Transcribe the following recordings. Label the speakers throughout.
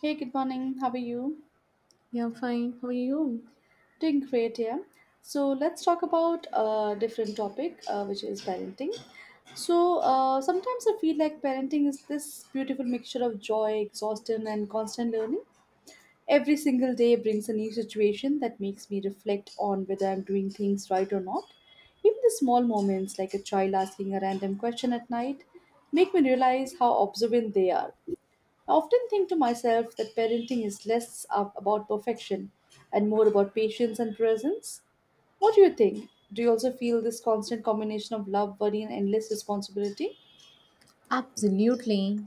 Speaker 1: Hey, good morning. How are you?
Speaker 2: Yeah, fine. How are you?
Speaker 1: Doing great, yeah. So let's talk about a different topic, which is parenting. So sometimes I feel like parenting is this beautiful mixture of joy, exhaustion, and constant learning. Every single day brings a new situation that makes me reflect on whether I'm doing things right or not. Even the small moments, like a child asking a random question at night, make me realize how observant they are. I often think to myself that parenting is less up about perfection and more about patience and presence. What do you think? Do you also feel this constant combination of love, worry, and endless responsibility?
Speaker 2: Absolutely.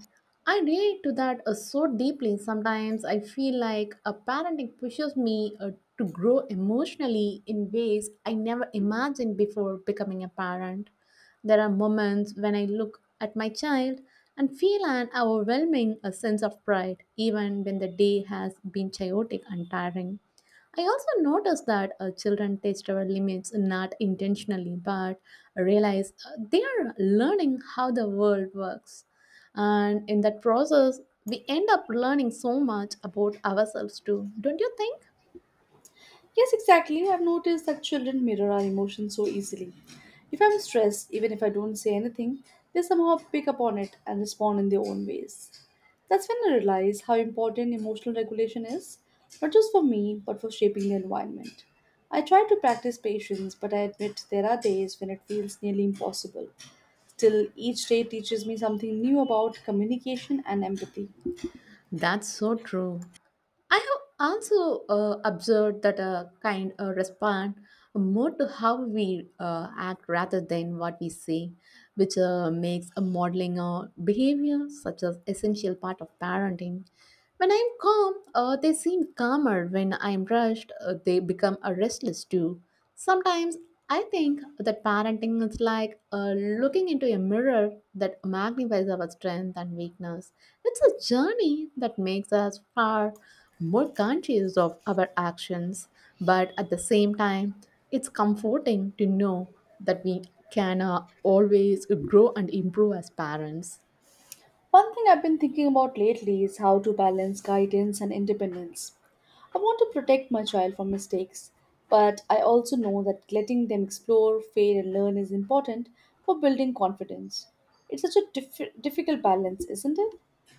Speaker 2: I relate to that so deeply. Sometimes I feel like a parenting pushes me to grow emotionally in ways I never imagined before becoming a parent. There are moments when I look at my child and feel an overwhelming sense of pride, even when the day has been chaotic and tiring. I also noticed that children test our limits not intentionally but realize they are learning how the world works. And in that process, we end up learning so much about ourselves too, don't you think?
Speaker 1: Yes, exactly. I've noticed that children mirror our emotions so easily. If I'm stressed, even if I don't say anything, they somehow pick up on it and respond in their own ways. That's when I realized how important emotional regulation is, not just for me, but for shaping the environment. I try to practice patience, but I admit there are days when it feels nearly impossible. Still, each day teaches me something new about communication and empathy.
Speaker 2: That's so true. I have also observed that a kind respond more to how we act rather than what we say, which makes a modeling or behavior such as essential part of parenting. When I'm calm, they seem calmer. When I'm rushed, they become restless too. Sometimes I think that parenting is like looking into a mirror that magnifies our strength and weakness. It's a journey that makes us far more conscious of our actions, but at the same time, it's comforting to know that we can always grow and improve as parents.
Speaker 1: One thing I've been thinking about lately is how to balance guidance and independence. I want to protect my child from mistakes, but I also know that letting them explore, fail, and learn is important for building confidence. It's such a difficult balance, isn't it?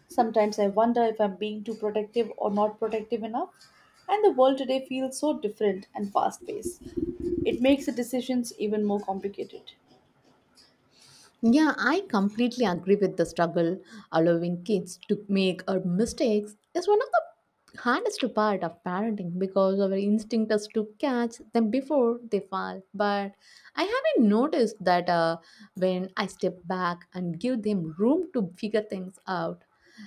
Speaker 1: Sometimes I wonder if I'm being too protective or not protective enough, and the world today feels so different and fast paced. It makes the decisions even more complicated.
Speaker 2: Yeah, I completely agree with the struggle. Allowing kids to make our mistakes is one of the hardest part of parenting because our instinct is to catch them before they fall. But I haven't noticed that when I step back and give them room to figure things out,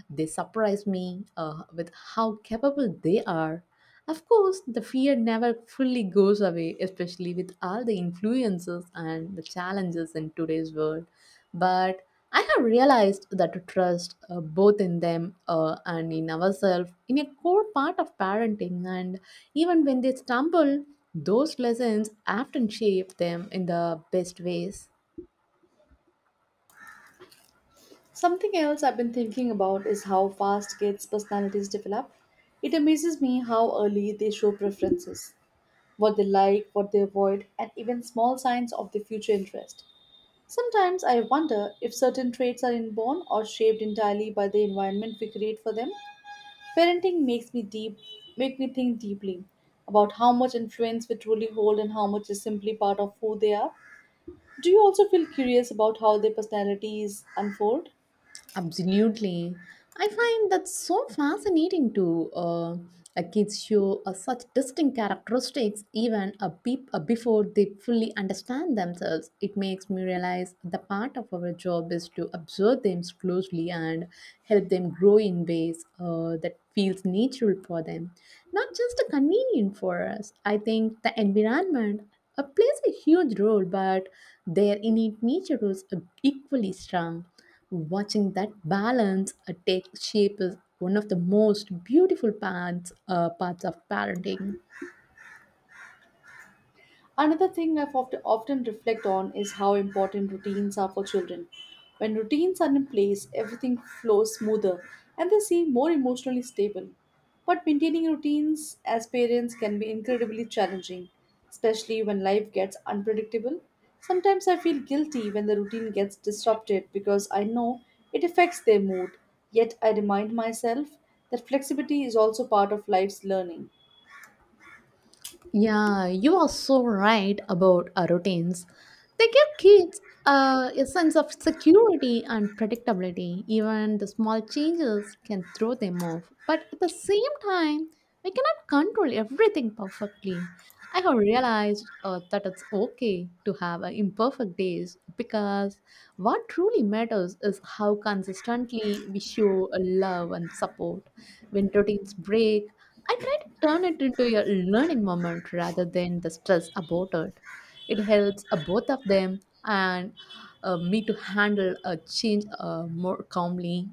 Speaker 2: they surprise me with how capable they are. Of course, the fear never fully goes away, especially with all the influences and the challenges in today's world. But I have realized that to trust both in them and in ourselves in a core part of parenting, and even when they stumble, those lessons often shape them in the best ways.
Speaker 1: Something else I've been thinking about is how fast kids' personalities develop. It amazes me how early they show preferences, what they like, what they avoid, and even small signs of their future interest. Sometimes I wonder if certain traits are inborn or shaped entirely by the environment we create for them. Parenting make me think deeply about how much influence we truly hold and how much is simply part of who they are. Do you also feel curious about how their personalities unfold?
Speaker 2: Absolutely. I find that so fascinating too. Kids show such distinct characteristics even a beep, before they fully understand themselves. It makes me realize the part of our job is to observe them closely and help them grow in ways that feels natural for them, not just a convenient for us. I think the environment plays a huge role, but their innate nature is equally strong. Watching that balance take shape is one of the most beautiful parts of parenting.
Speaker 1: Another thing I've often reflect on is how important routines are for children. When routines are in place, everything flows smoother and they seem more emotionally stable. But maintaining routines as parents can be incredibly challenging, especially when life gets unpredictable. Sometimes I feel guilty when the routine gets disrupted because I know it affects their mood, yet I remind myself that flexibility is also part of life's learning.
Speaker 2: Yeah, you are so right about our routines. They give kids a sense of security and predictability. Even the small changes can throw them off. But at the same time, we cannot control everything perfectly. I have realized that it's okay to have imperfect days because what truly matters is how consistently we show love and support. When routines break, I try to turn it into a learning moment rather than the stress about it. It helps both of them and me to handle a change more calmly.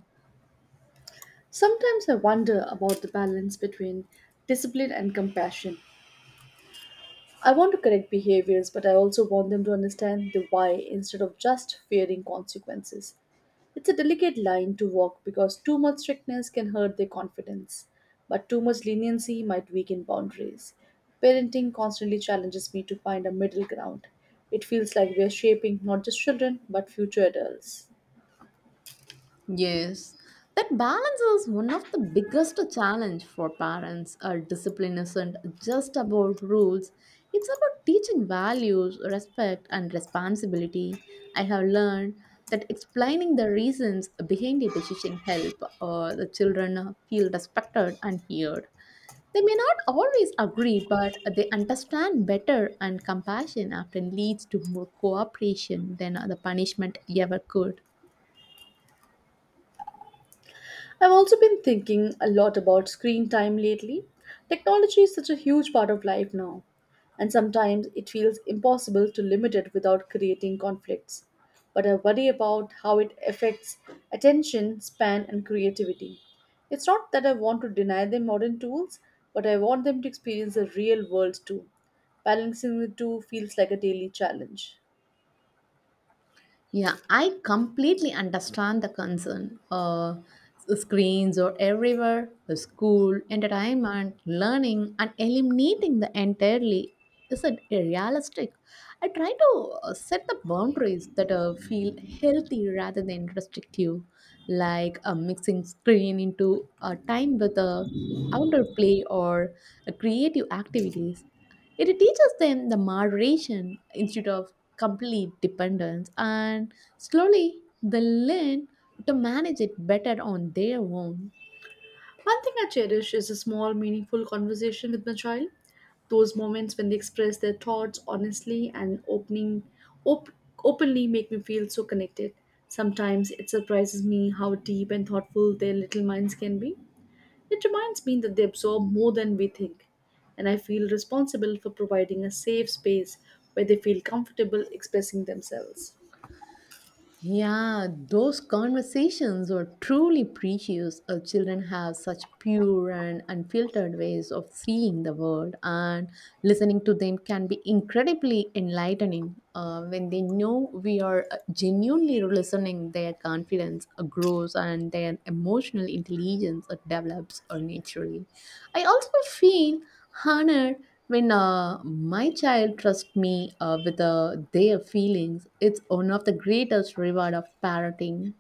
Speaker 1: Sometimes I wonder about the balance between discipline and compassion. I want to correct behaviors, but I also want them to understand the why instead of just fearing consequences. It's a delicate line to walk because too much strictness can hurt their confidence, but too much leniency might weaken boundaries. Parenting constantly challenges me to find a middle ground. It feels like we are shaping not just children, but future adults.
Speaker 2: Yes, that balance is one of the biggest challenge for parents. Our discipline isn't just about rules; it's about teaching values, respect, and responsibility. I have learned that explaining the reasons behind a decision help the children feel respected and heard. They may not always agree, but they understand better, and compassion often leads to more cooperation than the punishment ever could.
Speaker 1: I've also been thinking a lot about screen time lately. Technology is such a huge part of life now, and sometimes it feels impossible to limit it without creating conflicts. But I worry about how it affects attention, span, and creativity. It's not that I want to deny them modern tools, but I want them to experience the real world too. Balancing the two feels like a daily challenge.
Speaker 2: Yeah, I completely understand the concern. Screens are everywhere, the school, entertainment, learning, and eliminating the entirely isn't realistic. I try to set the boundaries that feel healthy rather than restrictive, like mixing screen into time with outdoor play or creative activities. It teaches them the moderation instead of complete dependence, and slowly they learn to manage it better on their own.
Speaker 1: One thing I cherish is a small, meaningful conversation with my child. Those moments when they express their thoughts honestly and op- openly make me feel so connected. Sometimes it surprises me how deep and thoughtful their little minds can be. It reminds me that they absorb more than we think, and I feel responsible for providing a safe space where they feel comfortable expressing themselves.
Speaker 2: Yeah, those conversations are truly precious. Our children have such pure and unfiltered ways of seeing the world, and listening to them can be incredibly enlightening. When they know we are genuinely listening, their confidence grows and their emotional intelligence develops naturally. I also feel. Honored when my child trusts me with their feelings. It's one of the greatest reward of parenting.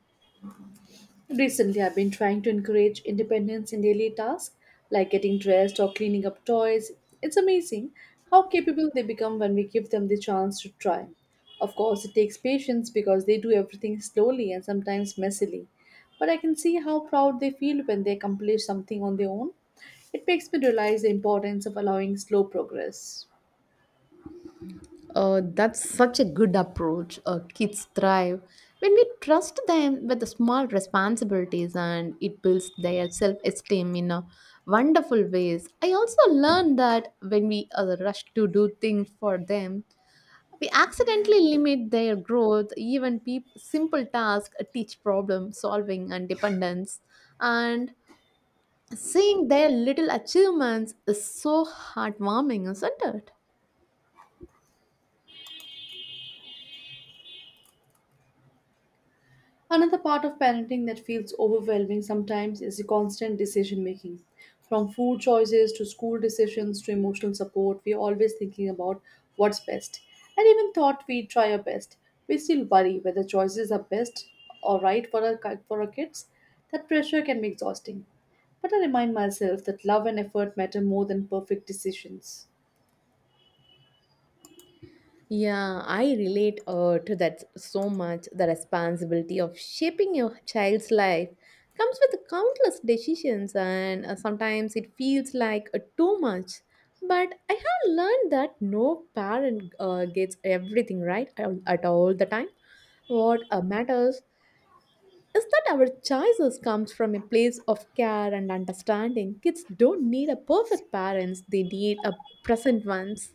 Speaker 1: Recently, I've been trying to encourage independence in daily tasks like getting dressed or cleaning up toys. It's amazing how capable they become when we give them the chance to try. Of course, it takes patience because they do everything slowly and sometimes messily. But I can see how proud they feel when they accomplish something on their own. It makes me realize the importance of allowing slow progress.
Speaker 2: That's such a good approach. Kids thrive when we trust them with the small responsibilities, and it builds their self-esteem in a wonderful ways. I also learned that when we rush to do things for them, we accidentally limit their growth even simple tasks teach problem solving and dependence and seeing their little achievements is so heartwarming, isn't it?
Speaker 1: Another part of parenting that feels overwhelming sometimes is the constant decision making. From food choices to school decisions to emotional support, we are always thinking about what's best. And even thought we try our best, we still worry whether choices are best or right for for our kids. That pressure can be exhausting. But I remind myself that love and effort matter more than perfect decisions.
Speaker 2: Yeah, I relate to that so much. The responsibility of shaping your child's life comes with countless decisions, and sometimes it feels like too much. But I have learned that no parent gets everything right at all the time. What matters is that our choices comes from a place of care and understanding. Kids don't need a perfect parents; they need a present ones.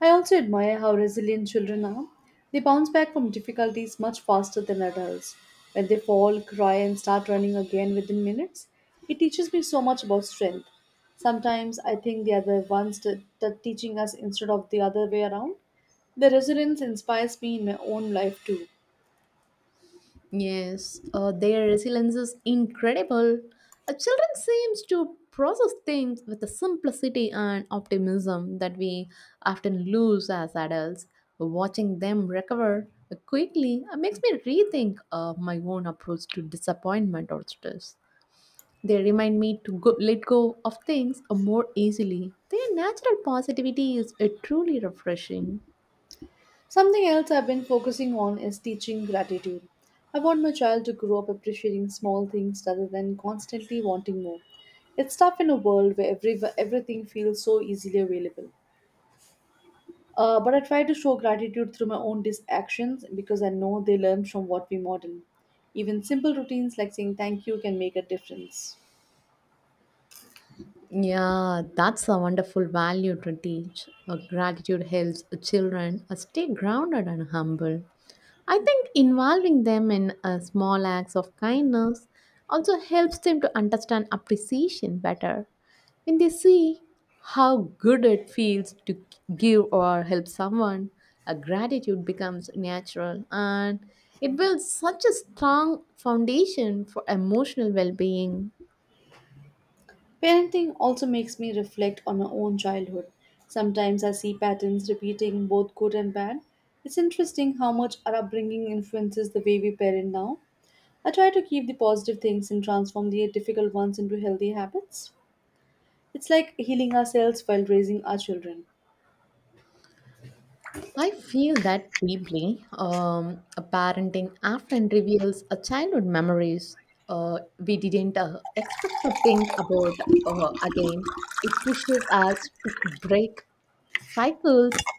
Speaker 1: I also admire how resilient children are. They bounce back from difficulties much faster than adults. When they fall, cry, and start running again within minutes, it teaches me so much about strength. Sometimes I think they are the ones that teaching us instead of the other way around. Their resilience inspires me in my own life too.
Speaker 2: Yes, their resilience is incredible. Children seems to process things with the simplicity and optimism that we often lose as adults. Watching them recover quickly makes me rethink my own approach to disappointment or stress. They remind me to go, let go of things more easily. Their natural positivity is truly refreshing.
Speaker 1: Something else I've been focusing on is teaching gratitude. I want my child to grow up appreciating small things rather than constantly wanting more. It's tough in a world where everything feels so easily available. But I try to show gratitude through my own actions because I know they learn from what we model. Even simple routines like saying thank you can make a difference.
Speaker 2: Yeah, that's a wonderful value to teach. A gratitude helps children stay grounded and humble. I think involving them in small acts of kindness also helps them to understand appreciation better. When they see how good it feels to give or help someone, a gratitude becomes natural and it builds such a strong foundation for emotional well being.
Speaker 1: Parenting also makes me reflect on my own childhood. Sometimes I see patterns repeating both good and bad. It's interesting how much our upbringing influences the way we parent now. I try to keep the positive things and transform the difficult ones into healthy habits. It's like healing ourselves while raising our children.
Speaker 2: I feel that deeply. A parenting often reveals a childhood memories we didn't expect to think about again. It pushes us to break cycles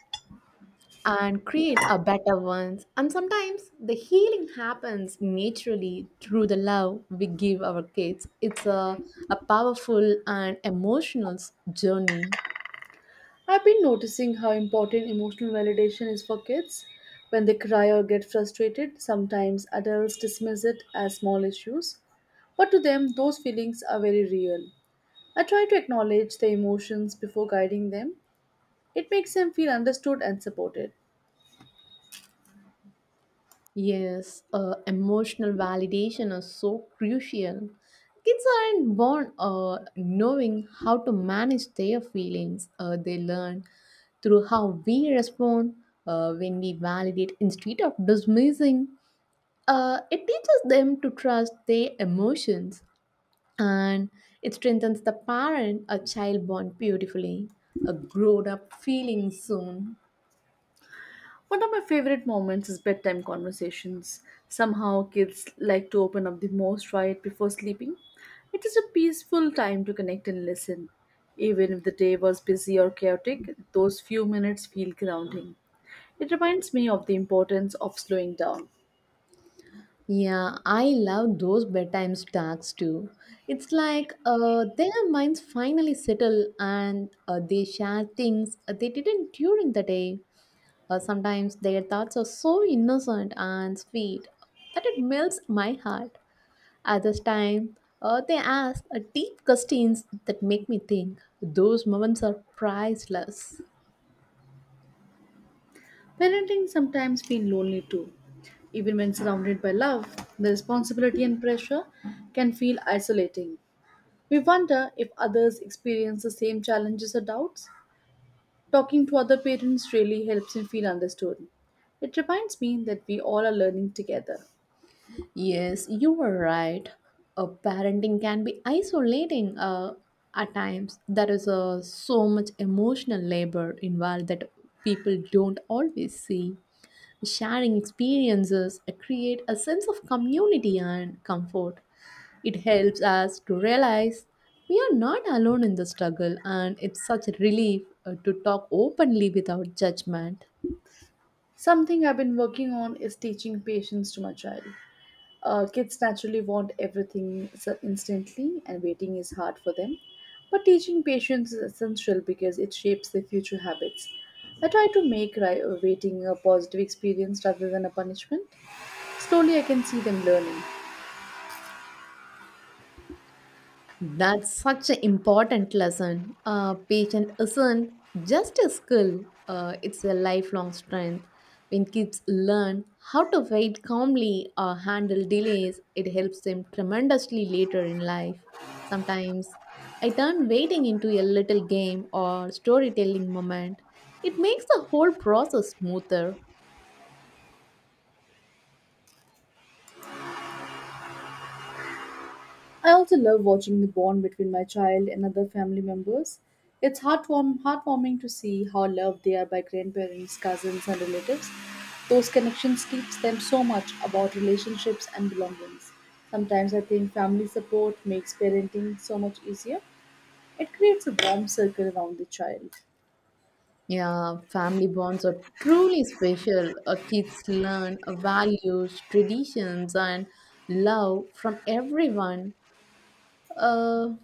Speaker 2: and create a better ones. And sometimes the healing happens naturally through the love we give our kids. It's a powerful and emotional journey.
Speaker 1: I've been noticing how important emotional validation is for kids. When they cry or get frustrated, sometimes adults dismiss it as small issues. But to them, those feelings are very real. I try to acknowledge their emotions before guiding them. It makes them feel understood and supported.
Speaker 2: Yes, emotional validation is so crucial. Kids aren't born knowing how to manage their feelings. They learn through how we respond when we validate instead of dismissing. It teaches them to trust their emotions and it strengthens the parent a child bond beautifully. A grown up feeling soon.
Speaker 1: One of my favorite moments is bedtime conversations. Somehow, kids like to open up the most right before sleeping. It is a peaceful time to connect and listen. Even if the day was busy or chaotic, those few minutes feel grounding. It reminds me of the importance of slowing down.
Speaker 2: Yeah, I love those bedtime talks too. It's like their minds finally settle and they share things they didn't during the day. Sometimes their thoughts are so innocent and sweet that it melts my heart. At this time, they ask deep questions that make me think. Those moments are priceless.
Speaker 1: Parenting sometimes feel lonely too. Even when surrounded by love, the responsibility and pressure can feel isolating. We wonder if others experience the same challenges or doubts. Talking to other parents really helps me feel understood. It reminds me that we all are learning together.
Speaker 2: Yes, you were right. Parenting can be isolating at times. There is so much emotional labor involved that people don't always see. Sharing experiences create a sense of community and comfort. It helps us to realize we are not alone in the struggle, and it's such a relief to talk openly without judgment.
Speaker 1: Something I've been working on is teaching patience to my child. Kids naturally want everything so instantly, and waiting is hard for them. But teaching patience is essential because it shapes their future habits. I try to make waiting a positive experience rather than a punishment. Slowly, I can see them learning.
Speaker 2: That's such an important lesson. Patience isn't just a skill, it's a lifelong strength. When kids learn how to wait calmly or handle delays, it helps them tremendously later in life. Sometimes I turn waiting into a little game or storytelling moment. It makes the whole process smoother.
Speaker 1: I also love watching the bond between my child and other family members. It's heartwarming to see how loved they are by grandparents, cousins, and relatives. Those connections teach them so much about relationships and belongings. Sometimes I think family support makes parenting so much easier. It creates a warm circle around the child.
Speaker 2: Yeah, family bonds are truly special. Kids learn values, traditions, and love from everyone, uh,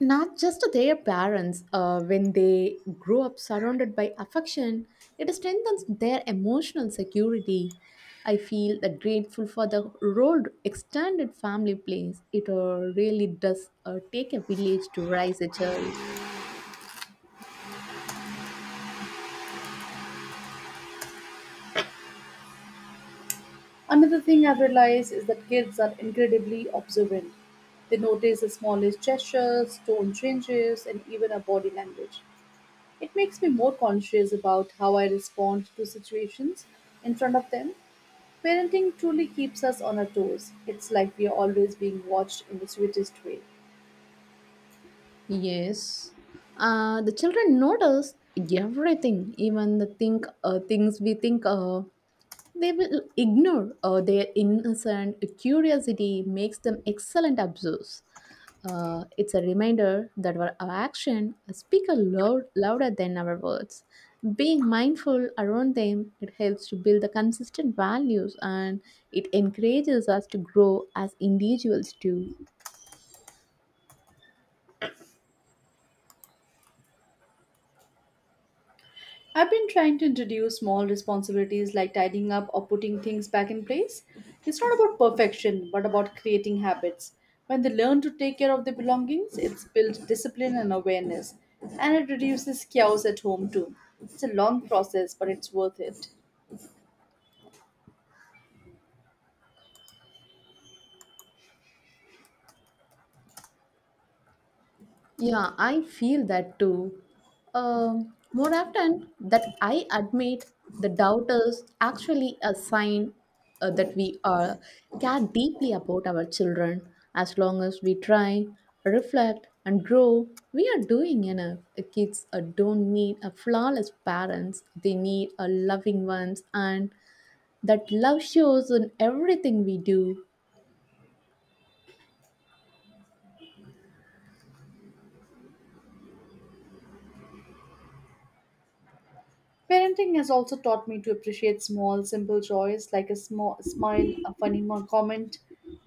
Speaker 2: not just their parents. When they grow up surrounded by affection, it strengthens their emotional security. I feel that grateful for the role extended family plays. It really does take a village to raise a child.
Speaker 1: Another thing I've realized is that kids are incredibly observant. They notice the smallest gestures, tone changes, and even our body language. It makes me more conscious about how I respond to situations in front of them. Parenting truly keeps us on our toes. It's like we are always being watched in the sweetest way.
Speaker 2: Yes. The children notice everything, even the think things we think they will ignore. Their innocent curiosity makes them excellent observers. It's a reminder that our action speak louder than our words. Being mindful around them, it helps to build the consistent values and it encourages us to grow as individuals too.
Speaker 1: I've been trying to introduce small responsibilities like tidying up or putting things back in place. It's not about perfection, but about creating habits. When they learn to take care of their belongings, it's built discipline and awareness, and it reduces chaos at home too. It's a long process, but it's worth it.
Speaker 2: Yeah, I feel that too. More often that I admit the doubt is actually a sign that we are care deeply about our children. As long as we try, reflect, and grow, we are doing enough. The kids don't need a flawless parents; they need a loving ones, and that love shows in everything we do.
Speaker 1: Parenting has also taught me to appreciate small, simple joys like a small smile, a funny comment,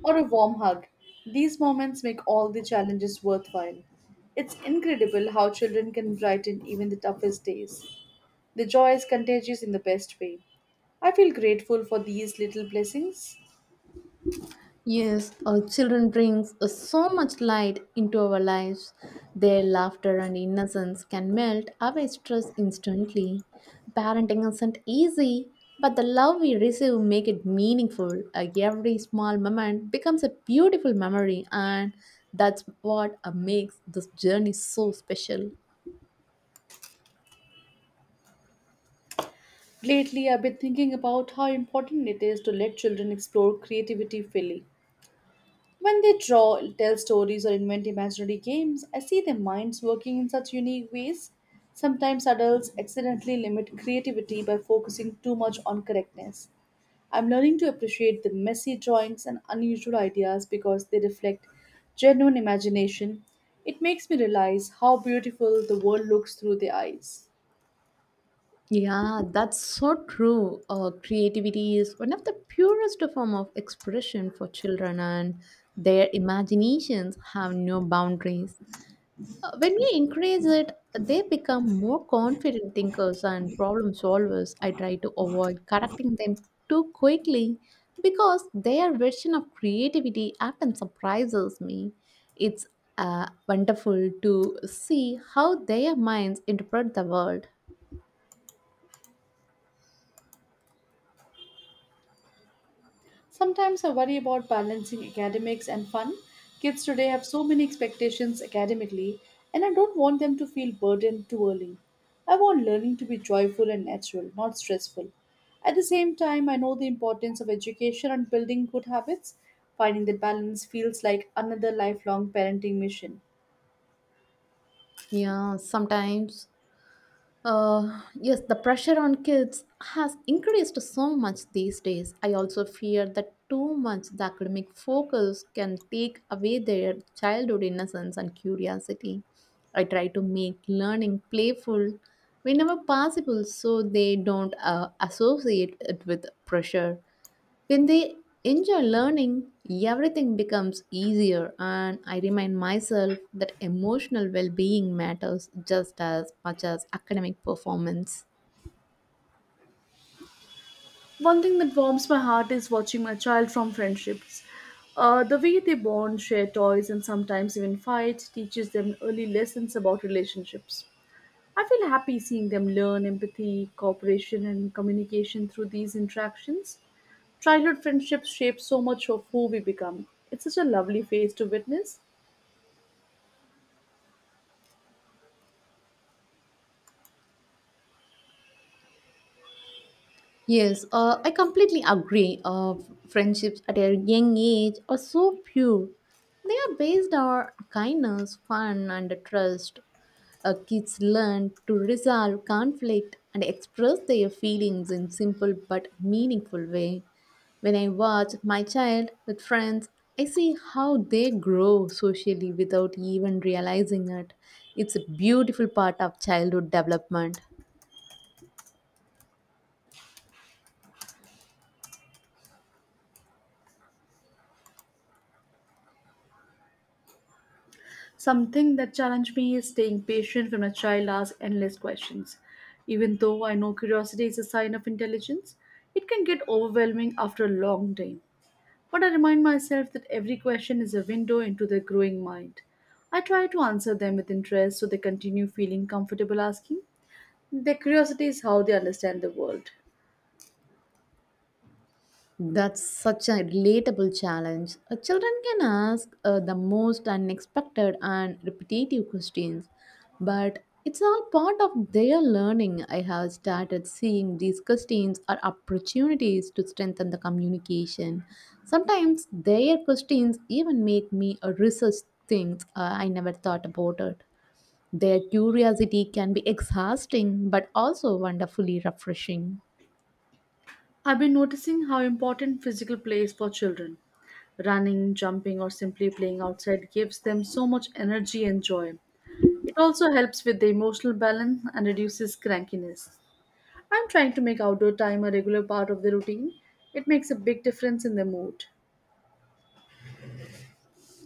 Speaker 1: or a warm hug. These moments make all the challenges worthwhile. It's incredible how children can brighten even the toughest days. The joy is contagious in the best way. I feel grateful for these little blessings.
Speaker 2: Yes, our children brings so much light into our lives. Their laughter and innocence can melt away stress instantly. Parenting isn't easy, but the love we receive make it meaningful. Every small moment becomes a beautiful memory, and that's what makes this journey so special.
Speaker 1: Lately, I've been thinking about how important it is to let children explore creativity freely. When they draw, tell stories, or invent imaginary games, I see their minds working in such unique ways. Sometimes adults accidentally limit creativity by focusing too much on correctness. I'm learning to appreciate the messy drawings and unusual ideas because they reflect genuine imagination. It makes me realize how beautiful the world looks through their eyes.
Speaker 2: Yeah, that's so true. Creativity is one of the purest form of expression for children, and their imaginations have no boundaries. When we encourage it, they become more confident thinkers and problem solvers. I try to avoid correcting them too quickly because their version of creativity often surprises me. It's wonderful to see how their minds interpret the world.
Speaker 1: Sometimes I worry about balancing academics and fun. Kids today have so many expectations academically, and I don't want them to feel burdened too early. I want learning to be joyful and natural, not stressful. At the same time, I know the importance of education and building good habits. Finding that balance feels like another lifelong parenting mission.
Speaker 2: Yeah, sometimes. Yes, the pressure on kids has increased so much these days. I also fear that too much the academic focus can take away their childhood innocence and curiosity. I try to make learning playful whenever possible so they don't associate it with pressure. When they enjoy learning, everything becomes easier, and I remind myself that emotional well being matters just as much as academic performance.
Speaker 1: One thing that warms my heart is watching my child from friendships. The way they bond, share toys, and sometimes even fight teaches them early lessons about relationships. I feel happy seeing them learn empathy, cooperation, and communication through these interactions. Childhood friendships shape so much of who we become. It's such a lovely phase to witness.
Speaker 2: Yes, I completely agree. Friendships at a young age are so pure. They are based on kindness, fun, and trust. Kids learn to resolve conflict and express their feelings in simple but meaningful way. When I watch my child with friends, I see how they grow socially without even realizing it. It's a beautiful part of childhood development.
Speaker 1: Something that challenged me is staying patient when a child asks endless questions. Even though I know curiosity is a sign of intelligence, it can get overwhelming after a long day. But I remind myself that every question is a window into their growing mind. I try to answer them with interest so they continue feeling comfortable asking. Their curiosity is how they understand the world.
Speaker 2: That's such a relatable challenge. Children can ask the most unexpected and repetitive questions, but it's all part of their learning. I have started seeing these questions are opportunities to strengthen the communication. Sometimes their questions even make me research things I never thought about it. Their curiosity can be exhausting but also wonderfully refreshing.
Speaker 1: I've been noticing how important physical play is for children. Running, jumping, or simply playing outside gives them so much energy and joy. It also helps with the emotional balance and reduces crankiness. I'm trying to make outdoor time a regular part of the routine. It makes a big difference in the mood.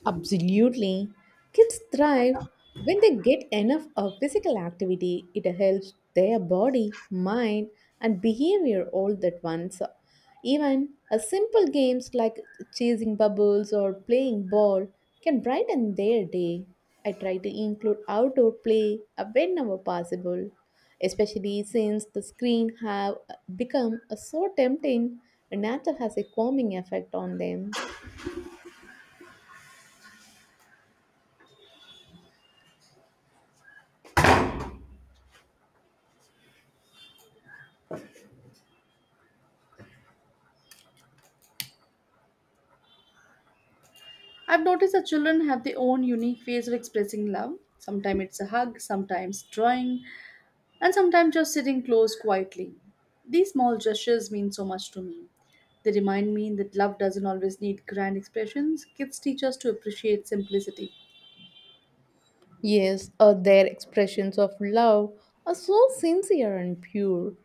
Speaker 2: Absolutely. Kids thrive when they get enough of physical activity. It helps their body, mind, and behavior all at once. Even a simple games like chasing bubbles or playing ball can brighten their day. I try to include outdoor play whenever possible, especially since the screen have become so tempting. Nature has a calming effect on them.
Speaker 1: I've noticed that children have their own unique ways of expressing love. Sometimes it's a hug, sometimes drawing, and sometimes just sitting close quietly. These small gestures mean so much to me. They remind me that love doesn't always need grand expressions. Kids teach us to appreciate simplicity.
Speaker 2: Yes, their expressions of love are so sincere and pure.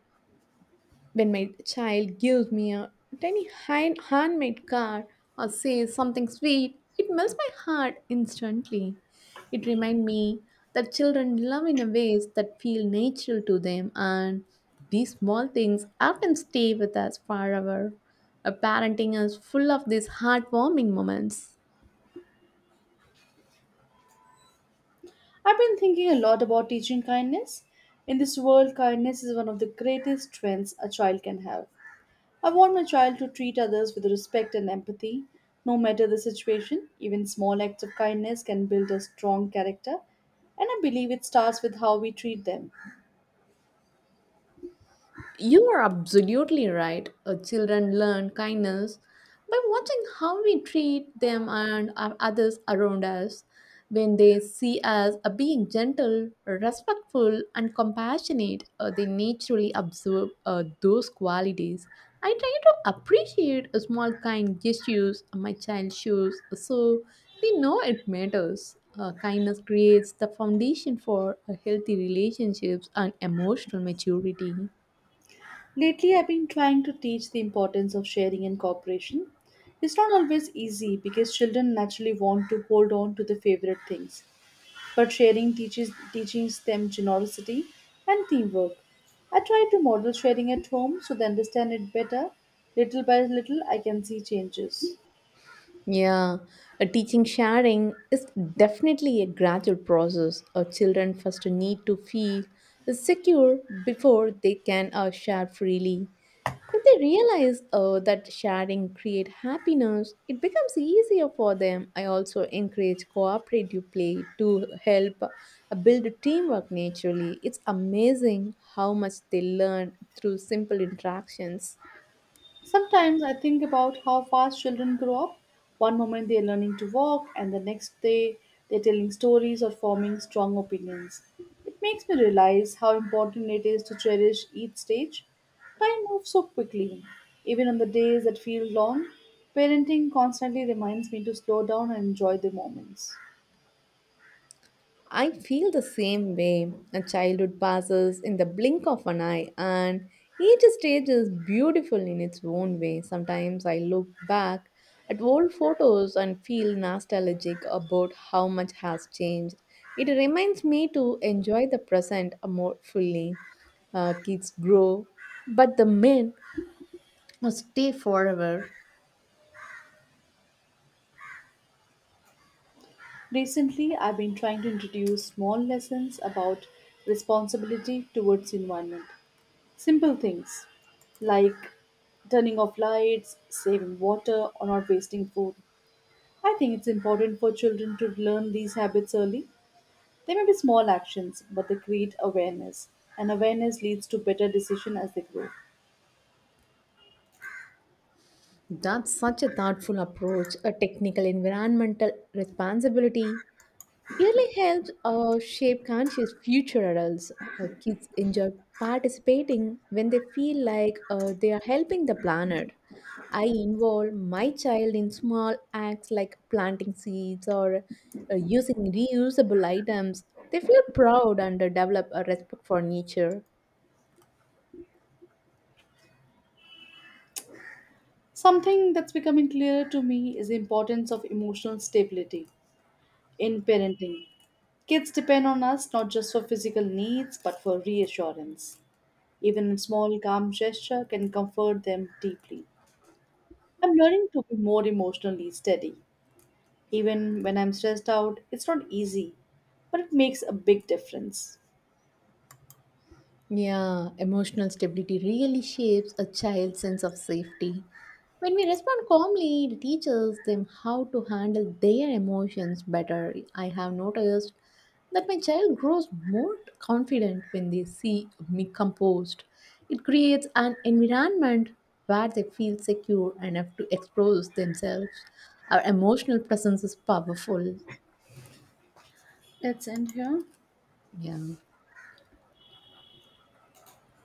Speaker 2: When my child gives me a tiny handmade card or says something sweet, it melts my heart instantly. It reminds me that children love in a ways that feel natural to them, and these small things often stay with us forever. A parenting is full of these heartwarming moments.
Speaker 1: I've been thinking a lot about teaching kindness. In this world, kindness is one of the greatest strengths a child can have. I want my child to treat others with respect and empathy, no matter the situation. Even small acts of kindness can build a strong character, and I believe it starts with how we treat them.
Speaker 2: You are absolutely right. Children learn kindness by watching how we treat them and our others around us. When they see us being gentle, respectful, and compassionate, they naturally absorb those qualities. I try to appreciate small kind gestures my child shows so they know it matters. Kindness creates the foundation for healthy relationships and emotional maturity.
Speaker 1: Lately, I've been trying to teach the importance of sharing and cooperation. It's not always easy because children naturally want to hold on to their favorite things, but sharing teaches them generosity and teamwork. I try to model sharing at home so they understand it better. Little by little, I can see changes.
Speaker 2: Yeah, a teaching sharing is definitely a gradual process. Our children first need to feel secure before they can share freely. When they realize that sharing creates happiness, it becomes easier for them. I also encourage cooperative play to help build teamwork naturally. It's amazing how much they learn through simple interactions.
Speaker 1: Sometimes I think about how fast children grow up. One moment they are learning to walk, and the next day they're telling stories or forming strong opinions. It makes me realize how important it is to cherish each stage. Time moves so quickly. Even on the days that feel long, parenting constantly reminds me to slow down and enjoy the moments.
Speaker 2: I feel the same way. A childhood passes in the blink of an eye, and each stage is beautiful in its own way. Sometimes I look back at old photos and feel nostalgic about how much has changed. It reminds me to enjoy the present more fully. Kids grow, but the men or stay forever.
Speaker 1: Recently, I've been trying to introduce small lessons about responsibility towards the environment. Simple things like turning off lights, saving water, or not wasting food. I think it's important for children to learn these habits early. They may be small actions, but they create awareness, and awareness leads to better decision as they grow.
Speaker 2: That's such a thoughtful approach, a technical environmental responsibility Yearly helps shape conscious future adults. Kids enjoy participating when they feel like they are helping the planet. I involve my child in small acts like planting seeds or using reusable items. They feel proud and develop a respect for nature.
Speaker 1: Something that's becoming clearer to me is the importance of emotional stability in parenting. Kids depend on us not just for physical needs but for reassurance. Even a small calm gesture can comfort them deeply. I'm learning to be more emotionally steady. Even when I'm stressed out, it's not easy, but it makes a big difference.
Speaker 2: Yeah, emotional stability really shapes a child's sense of safety. When we respond calmly, it teaches them how to handle their emotions better. I have noticed that my child grows more confident when they see me composed. It creates an environment where they feel secure enough to express themselves. Our emotional presence is powerful.
Speaker 1: Let's end here.
Speaker 2: Yeah.